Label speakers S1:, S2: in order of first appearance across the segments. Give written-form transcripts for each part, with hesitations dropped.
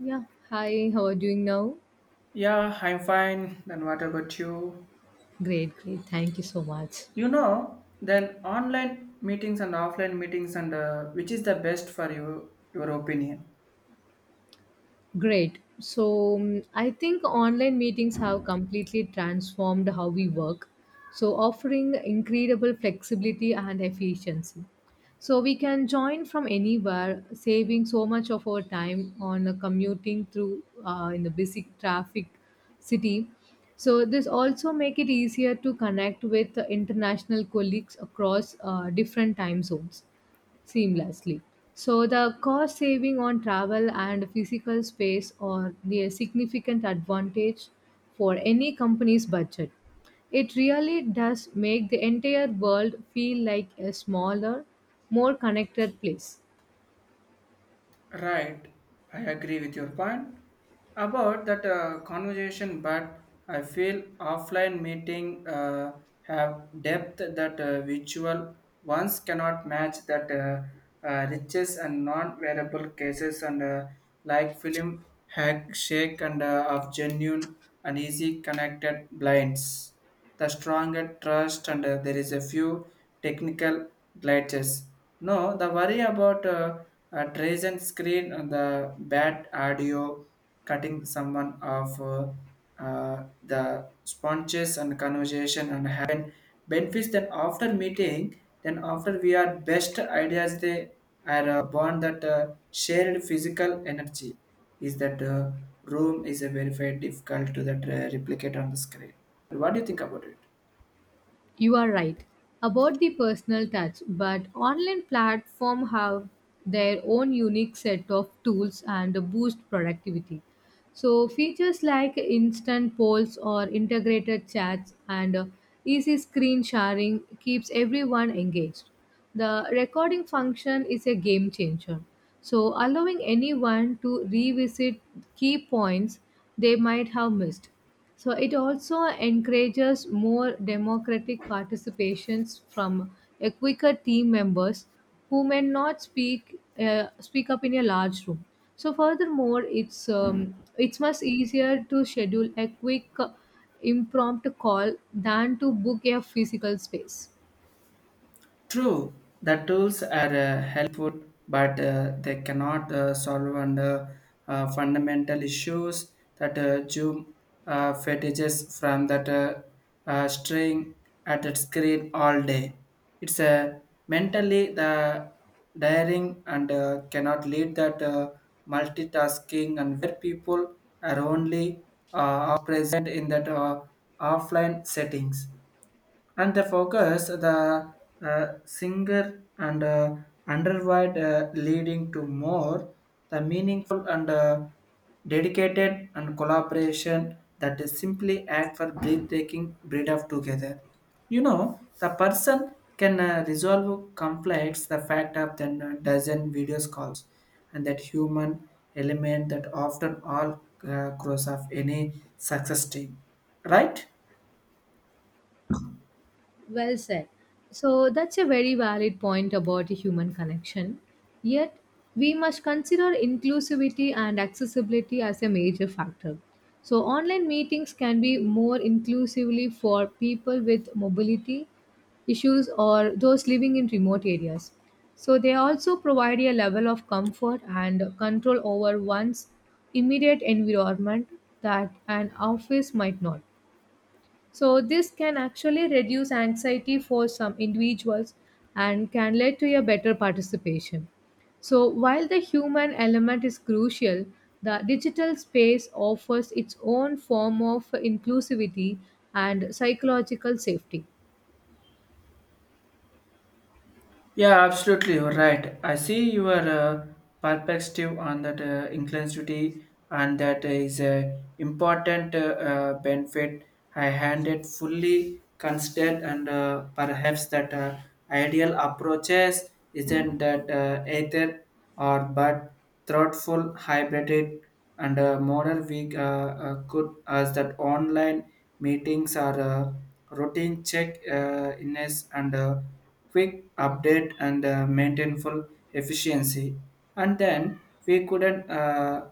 S1: Yeah, hi, how are you doing now?
S2: Yeah, I'm fine. Then what about you?
S1: Great, great. Thank you so much.
S2: You know, then online meetings and offline meetings and which is the best for you, your opinion?
S1: Great. I think online meetings have completely transformed how we work, so offering incredible flexibility and efficiency. So we can join from anywhere, saving so much of our time on commuting through in the busy traffic city. So this also make it easier to connect with international colleagues across different time zones seamlessly. So the cost saving on travel and physical space are the significant advantage for any company's budget. It really does make the entire world feel like a smaller, more connected place.
S2: Right, I agree with your point about that conversation, but I feel offline meeting have depth that virtual ones cannot match that riches and non-variable cases and like film hack shake and of genuine and easy connected blinds. The stronger trust and there is a few technical glitches. No, the worry about a Trajan screen, the bad audio, cutting someone off, the sponges and conversation and happen benefits. Then after meeting, then after we are best ideas, they are born that shared physical energy is that room is a very very difficult to that replicate on the screen. What do you think about it?
S1: You are right about the personal touch, but online platforms have their own unique set of tools and boost productivity. So features like instant polls or integrated chats and easy screen sharing keeps everyone engaged. The recording function is a game changer. So allowing anyone to revisit key points they might have missed. So it also encourages more democratic participations from a quicker team members who may not speak up in a large room. So furthermore, it's much easier to schedule a quick impromptu call than to book a physical space.
S2: True, the tools are helpful, but they cannot solve under fundamental issues that Zoom fetishes from that string at its screen all day. It's mentally the daring and cannot lead that multitasking and where people are only uh, are present in that offline settings and the focus the singer and underwide leading to more the meaningful and dedicated and collaboration that is simply act for breathtaking breed of together. You know the person can resolve conflicts the fact of then a dozen videos calls and that human element that often all cross of any success team, right?
S1: Well said. So that's a very valid point about human connection. Yet, we must consider inclusivity and accessibility as a major factor. So online meetings can be more inclusively for people with mobility issues or those living in remote areas. So they also provide a level of comfort and control over one's immediate environment that an office might not. So this can actually reduce anxiety for some individuals and can lead to a better participation. So while the human element is crucial, the digital space offers its own form of inclusivity and psychological safety.
S2: Yeah, absolutely. You're right. I see your perspective on that inclusivity, and that is a important benefit. I hand it fully considered, and perhaps that ideal approaches isn't that either or but thoughtful, hybrid, and model we could as that online meetings are routine check in and quick update and maintain full efficiency and then we couldn't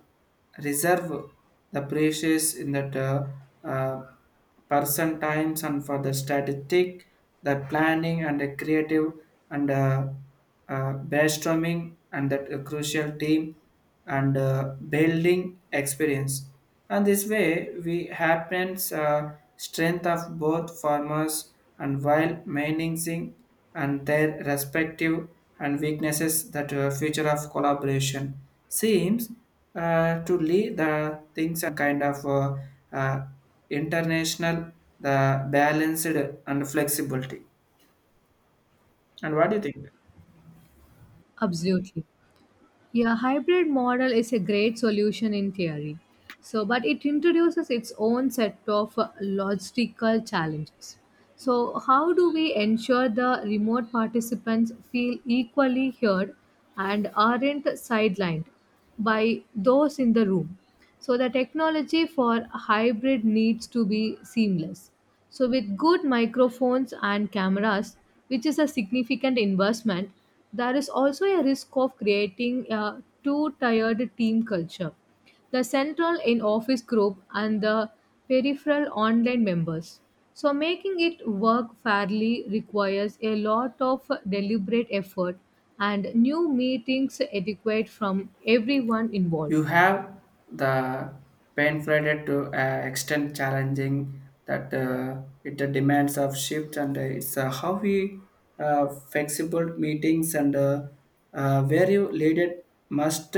S2: reserve the precious in that uh, person times and for the statistic the planning and the creative and brainstorming and that crucial team and building experience and this way we happens strength of both farmers and while maintaining and their respective and weaknesses that future of collaboration seems to lead the things a kind of uh, international the balanced and flexibility and what do you think?
S1: Absolutely. Yeah, hybrid model is a great solution in theory. So but it introduces its own set of logistical challenges. So how do we ensure the remote participants feel equally heard and aren't sidelined by those in the room? So the technology for hybrid needs to be seamless. So with good microphones and cameras, which is a significant investment, there is also a risk of creating a too tired team culture, the central in office group and the peripheral online members. So making it work fairly requires a lot of deliberate effort and new meetings etiquette from everyone involved.
S2: You have the painful to extent challenging that it demands of shift and it's how we flexible meetings and where you lead it must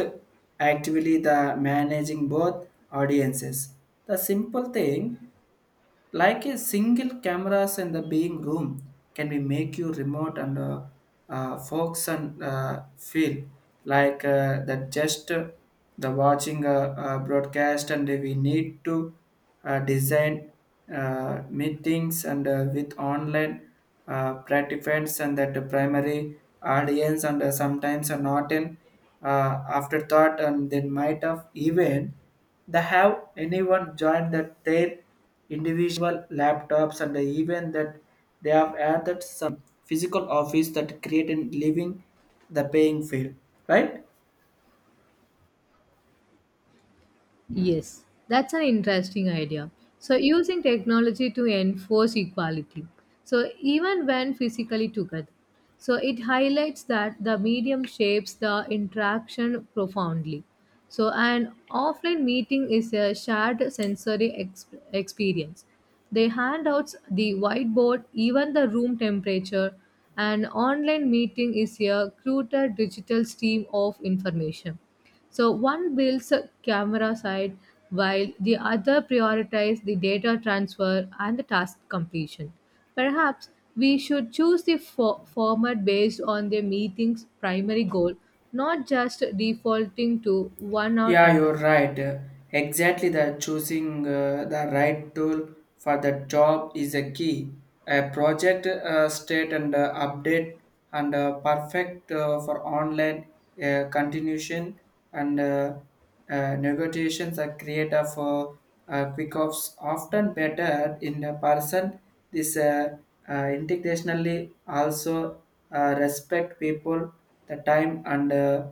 S2: actively the managing both audiences. The simple thing like a single cameras in the being room can be make you remote and folks and feel like that just the watching a, broadcast and we need to design meetings and with online participants and that the primary audience and sometimes are not an afterthought and then might have even they have anyone joined that their individual laptops and even that they have added some physical office that create a living the paying field, right?
S1: Yes, that's an interesting idea. So using technology to enforce equality. So even when physically together. So it highlights that the medium shapes the interaction profoundly. So an offline meeting is a shared sensory experience. They hand out the whiteboard, even the room temperature. An online meeting is a cruder digital stream of information. So one builds a camera side while the other prioritizes the data transfer and the task completion. Perhaps we should choose the format based on the meeting's primary goal, not just defaulting to one or
S2: Yeah, you're
S1: another.
S2: right. Exactly the choosing the right tool for the job is a key. A project state and update and perfect for online continuation and negotiations are create of quick offs often better in a person. This integrationally also respect people the time and uh,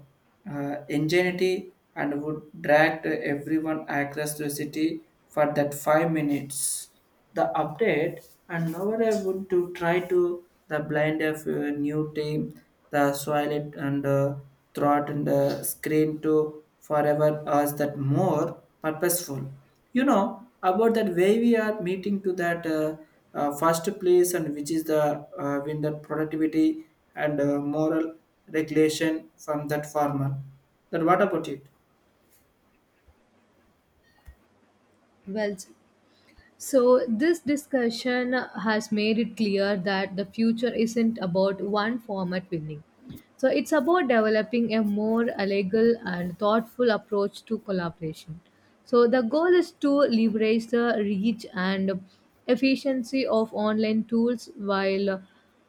S2: uh, ingenuity and would drag the everyone across the city for that 5 minutes. The update and now what I would to try to the blind of a new team, the soil it and throat and the screen to forever us that more purposeful. You know about that way we are meeting to that first place and which is the win that productivity and moral regulation from that farmer. Then what about it?
S1: Well, so this discussion has made it clear that the future isn't about one format winning. So it's about developing a more legal and thoughtful approach to collaboration. So the goal is to leverage the reach and efficiency of online tools while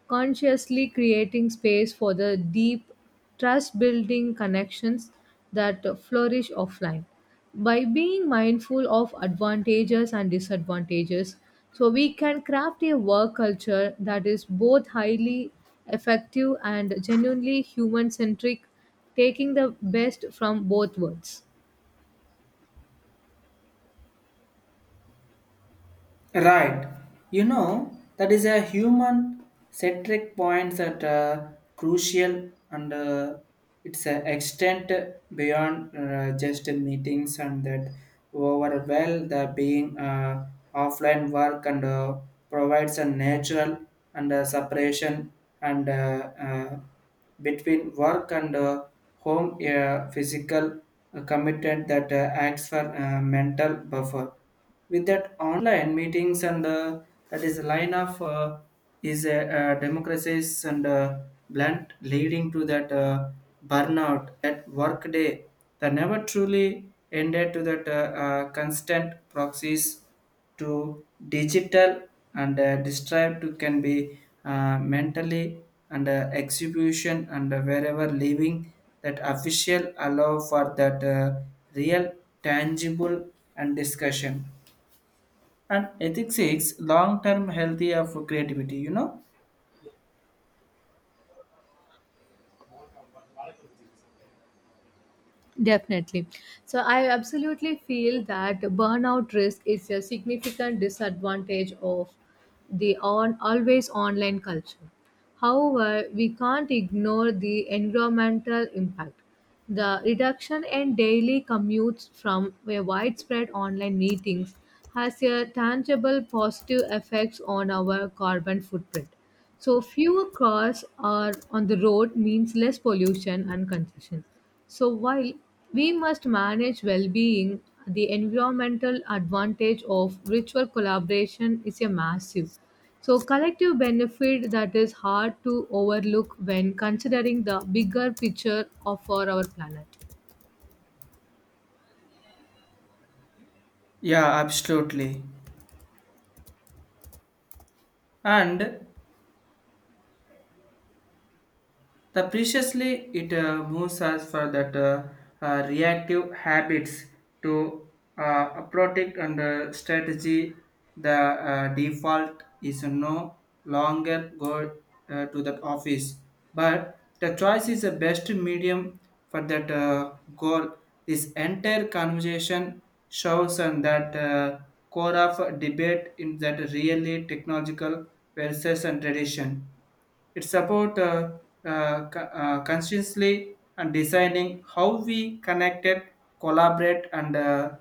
S1: consciously creating space for the deep trust building connections that flourish offline. By being mindful of advantages and disadvantages, so we can craft a work culture that is both highly effective and genuinely human centric, taking the best from both worlds.
S2: Right. You know, that is a human centric point that crucial and it's an extent beyond just meetings and that overwhelm the being offline work and provides a natural and separation and between work and home physical committed that acts for mental buffer. With that online meetings and that is line of is a democracies and blunt leading to that. Burnout, that workday that never truly ended to that constant proxies to digital and described to can be mentally and execution and wherever living that official allow for that real tangible and discussion and ethics is long-term healthy of creativity. You know
S1: Definitely. So I absolutely feel that burnout risk is a significant disadvantage of the on always online culture. However, we can't ignore the environmental impact. The reduction in daily commutes from a widespread online meetings has a tangible positive effects on our carbon footprint. So fewer cars are on the road means less pollution and congestion. So while we must manage well-being, the environmental advantage of ritual collaboration is a massive. So collective benefit that is hard to overlook when considering the bigger picture of for our planet.
S2: yeah absolutely, and the preciously it moves us for that reactive habits to protect and strategy. The default is no longer go to that office, but the choice is the best medium for that goal. This entire conversation shows on that core of debate in that really technological versus and tradition. It's about consciously and designing how we connected, collaborate, and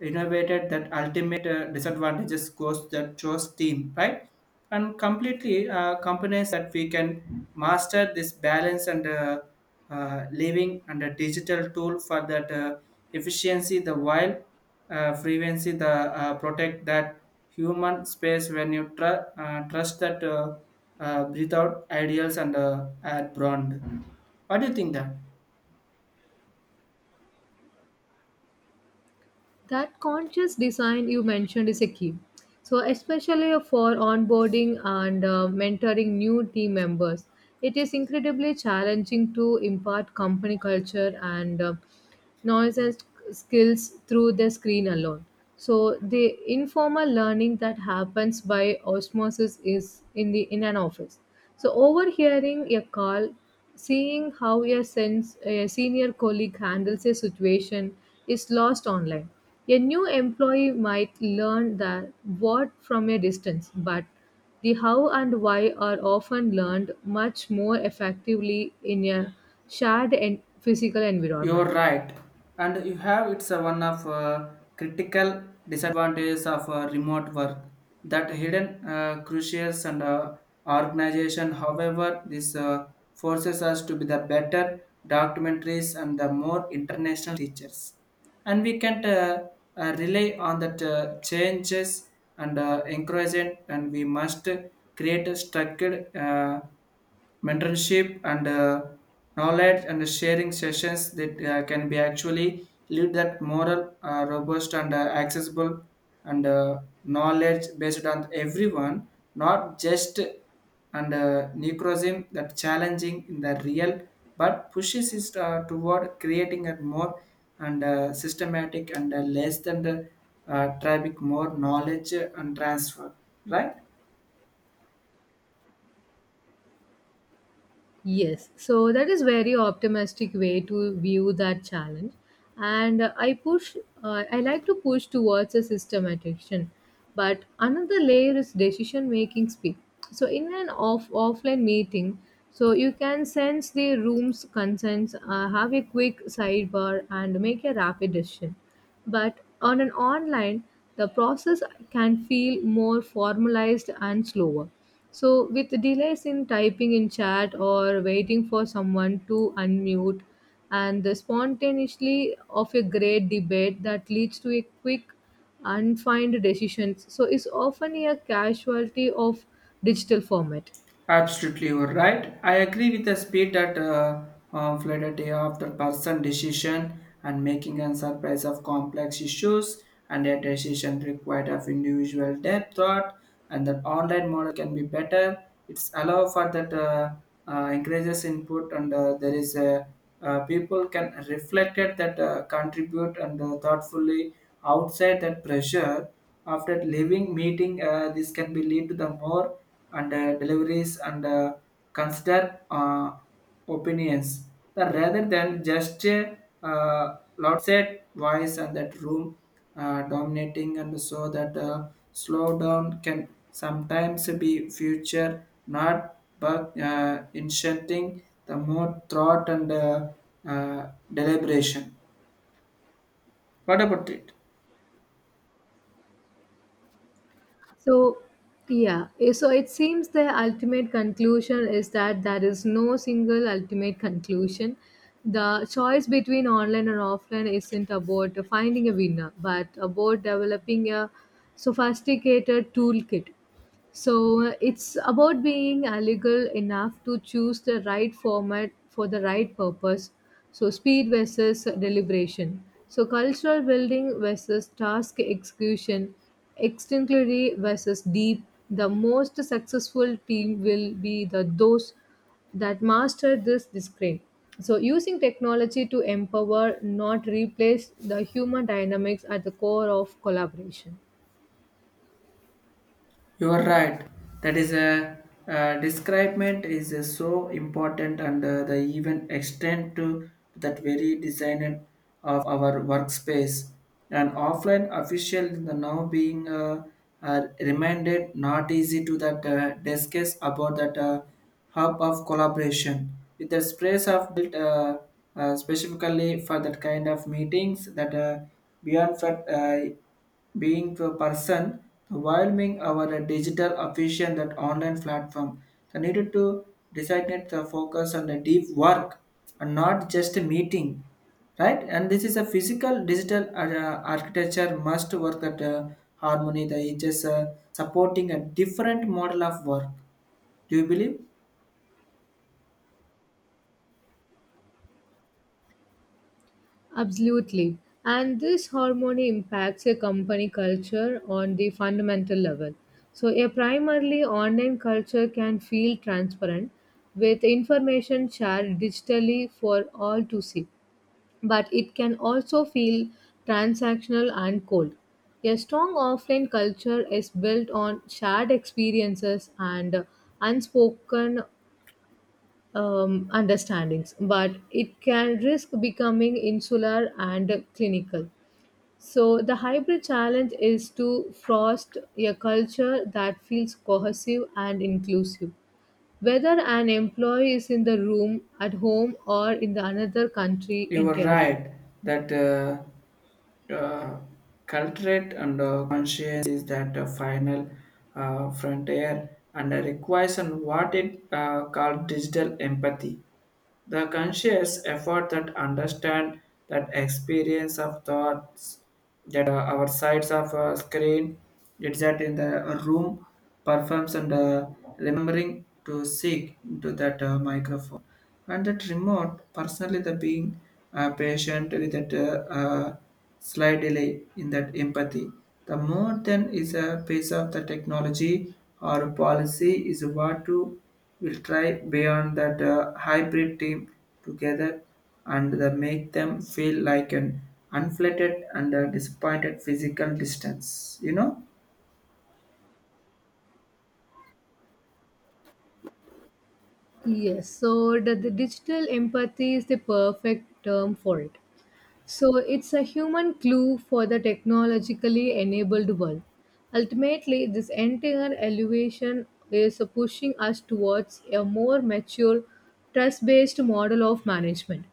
S2: innovated that ultimate disadvantages goes that chose team, right? And completely companies that we can master this balance and living and a digital tool for that efficiency, the while frequency, the protect that human space when you trust that. Without ideals and ad brand. What do you think that?
S1: That conscious design you mentioned is a key, so especially for onboarding and mentoring new team members. It is incredibly challenging to impart company culture and knowledge and skills through the screen alone. So the informal learning that happens by osmosis is in an office, so overhearing a call, seeing how a senior colleague handles a situation is lost online. A new employee might learn the what from a distance, but the how and why are often learned much more effectively in a shared and physical
S2: You're
S1: environment.
S2: right, and you have it's a one of critical disadvantages of remote work that hidden crucials and organization. However, this forces us to be the better documentaries and the more international teachers, and we can rely on that changes and encouraging, and we must create a structured. Mentorship and knowledge and sharing sessions that can be actually lead that moral robust and accessible and knowledge based on everyone not just and necrosism that challenging in the real but pushes it toward creating a more and systematic and less than the traffic more knowledge and transfer, right?
S1: Yes, so that is very optimistic way to view that challenge, and I push. I like to push towards a systematic action, but another layer is decision making speed. So in an offline meeting, so you can sense the room's concerns, have a quick sidebar, and make a rapid decision. But on an online, the process can feel more formalized and slower. So with delays in typing in chat or waiting for someone to unmute, and the spontaneously of a great debate that leads to a quick, unfined decisions. So is often a casualty of digital format.
S2: Absolutely, you're right. I agree with the speed that fled a day after person decision and making and surprise of complex issues and a decision required of individual depth thought and that online model can be better. It's allow for that increases input and there is a people can reflect it that contribute and thoughtfully outside that pressure after leaving meeting this can be lead to the more and deliveries and consider opinions that rather than just loud set voice and that room dominating and so that slowdown can sometimes be future not but inserting the more thought and uh, deliberation. What about it?
S1: So, yeah, so it seems the ultimate conclusion is that there is no single ultimate conclusion. The choice between online and offline isn't about finding a winner, but about developing a sophisticated toolkit. So it's about being legal enough to choose the right format for the right purpose. So speed versus deliberation. So cultural building versus task execution, extinctly versus deep. The most successful team will be the those that master this discipline. So using technology to empower, not replace the human dynamics at the core of collaboration.
S2: You are right. That is a describement is so important, and the even extend to that very design of our workspace. An offline official in the now being reminded not easy to that discuss about that hub of collaboration with the space of built specifically for that kind of meetings that beyond that. Being the person overwhelming our digital efficient that online platform they needed to designate the focus on the deep work and not just a meeting, right? And this is a physical digital architecture must work at harmony the it is supporting a different model of work. Do you believe?
S1: Absolutely. And this harmony impacts a company culture on the fundamental level. So a primarily online culture can feel transparent with information shared digitally for all to see, but it can also feel transactional and cold. A strong offline culture is built on shared experiences and unspoken understandings, but it can risk becoming insular and clinical. So the hybrid challenge is to foster a culture that feels cohesive and inclusive, whether an employee is in the room, at home, or in the another country
S2: You were
S1: entirely.
S2: right that uh, culturate and conscience is that final frontier and requires and what it called digital empathy. The conscious effort that understand that experience of thoughts that our sides of a screen it's that in the room performs and remembering to seek into that microphone and that remote personally the being patient with that slight delay in that empathy the more than is a piece of the technology or policy is what to will try beyond that hybrid team together and the make them feel like an unflattered and disappointed physical distance, you know?
S1: Yes, so the digital empathy is the perfect term for it. So it's a human clue for the technologically enabled world. Ultimately, this entire elevation is pushing us towards a more mature, trust based model of management.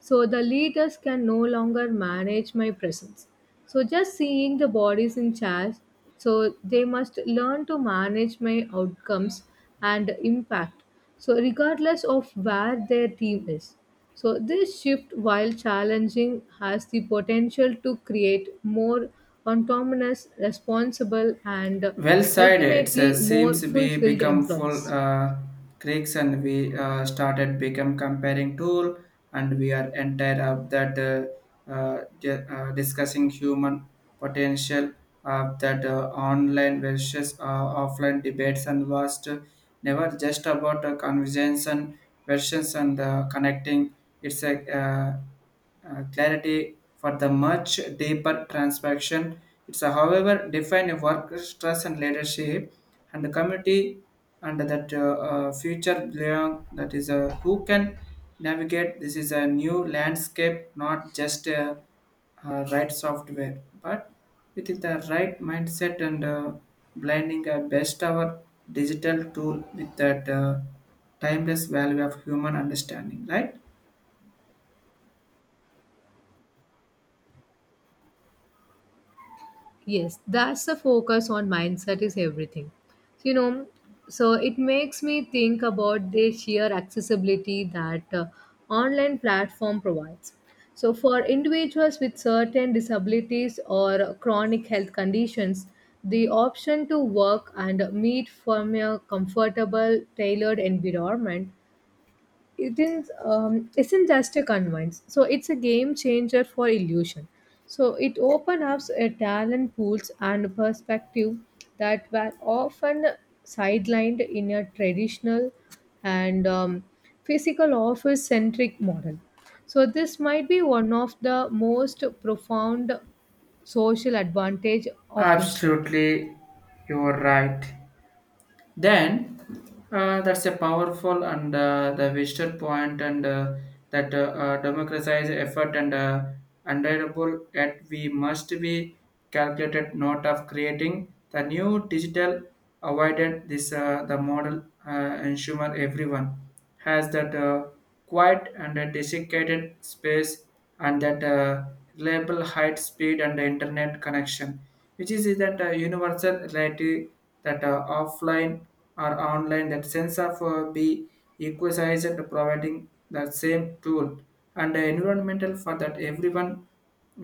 S1: So the leaders can no longer manage my presence. So just seeing the bodies in charge, so they must learn to manage my outcomes and impact. So regardless of where their team is. So this shift, while challenging, has the potential to create more autonomous, responsible, and
S2: Well said. It
S1: ultimately
S2: says,
S1: more
S2: seems we
S1: fulfilled
S2: become full
S1: employees.
S2: creeks and we started become comparing tool and we are entire of that discussing human potential of that online versus offline debates and was to never just about conversions and versions and connecting. It's a clarity for the much deeper transaction. It's a, however, define a work stress and leadership and the community and that future belong that is who can navigate. This is a new landscape, not just right software, but with the right mindset and blending a best our digital tool with that timeless value of human understanding, right?
S1: Yes, that's the focus on mindset is everything. So, you know, so it makes me think about the sheer accessibility that online platform provides. So for individuals with certain disabilities or chronic health conditions, the option to work and meet from a comfortable, tailored environment, it is isn't just a convince, so it's a game changer for illusion. So it opens up a talent pools and perspective that were often sidelined in a traditional and physical office centric model. So this might be one of the most profound social advantage of this shift.
S2: Absolutely, you're right. Then that's a powerful and the visitor point and that democratize effort and undeniable yet we must be calculated not of creating the new digital avoided this the model ensure everyone has that quiet and a desiccated space and that reliable height, speed, and internet connection, which is that universal reality that offline or online, that sense of be equalized, providing the same tool and environmental for that everyone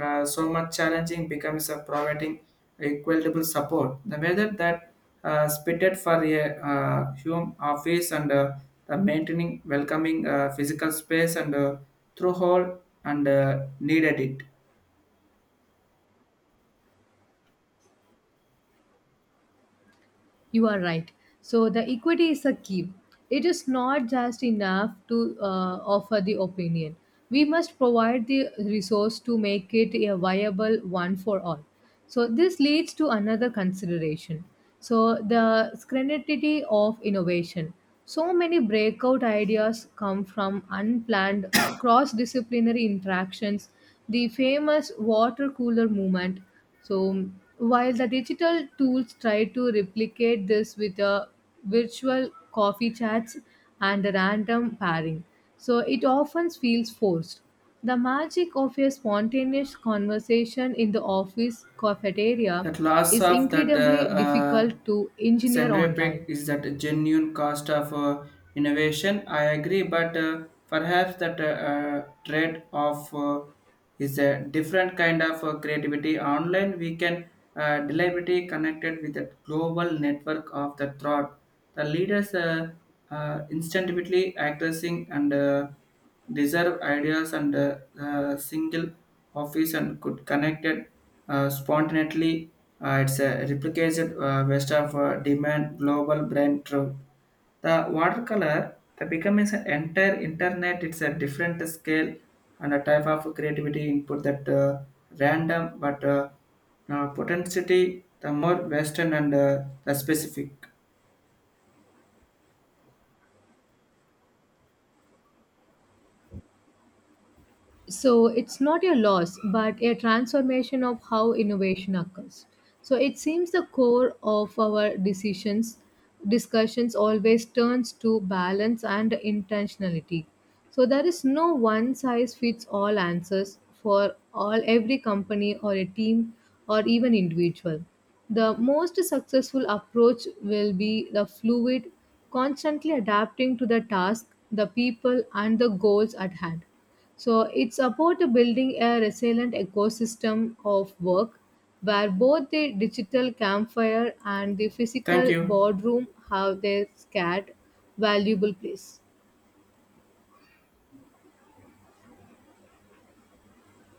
S2: so much challenging becomes a providing equitable support. The weather that spitted for a home office and the maintaining welcoming physical space and through hole and needed it.
S1: You are right. So the equity is a key. It is not just enough to offer the opinion. We must provide the resource to make it a viable one for all. So this leads to another consideration. So the scrutiny of innovation. So many breakout ideas come from unplanned cross-disciplinary interactions. The famous water cooler movement. So while the digital tools try to replicate this with a virtual coffee chats and a random pairing, so it often feels forced. The magic of a spontaneous conversation in the office cafeteria
S2: That loss
S1: is
S2: of that
S1: incredibly difficult to engineer
S2: centrifuge
S1: online.
S2: is that genuine cost of innovation. I agree, but perhaps that trade off is a different kind of creativity. Online, we can deliberately connected with a global network of the thought. The leaders instinctively accessing and deserve ideas and single office and could connect it spontaneously. It's a replicated waste of demand global brand truth. The watercolor the becomes an entire internet. It's a different scale and a type of creativity input that random but potentiality the more western and the specific.
S1: So it's not a loss but a transformation of how innovation occurs. So it seems the core of our decisions discussions always turns to balance and intentionality. So there is no one size fits all answers for all every company or a team or even individual. The most successful approach will be the fluid, constantly adapting to the task, the people, and the goals at hand. So it's about building a resilient ecosystem of work where both the digital campfire and the
S2: Thank
S1: physical
S2: you.
S1: boardroom have their scared valuable place.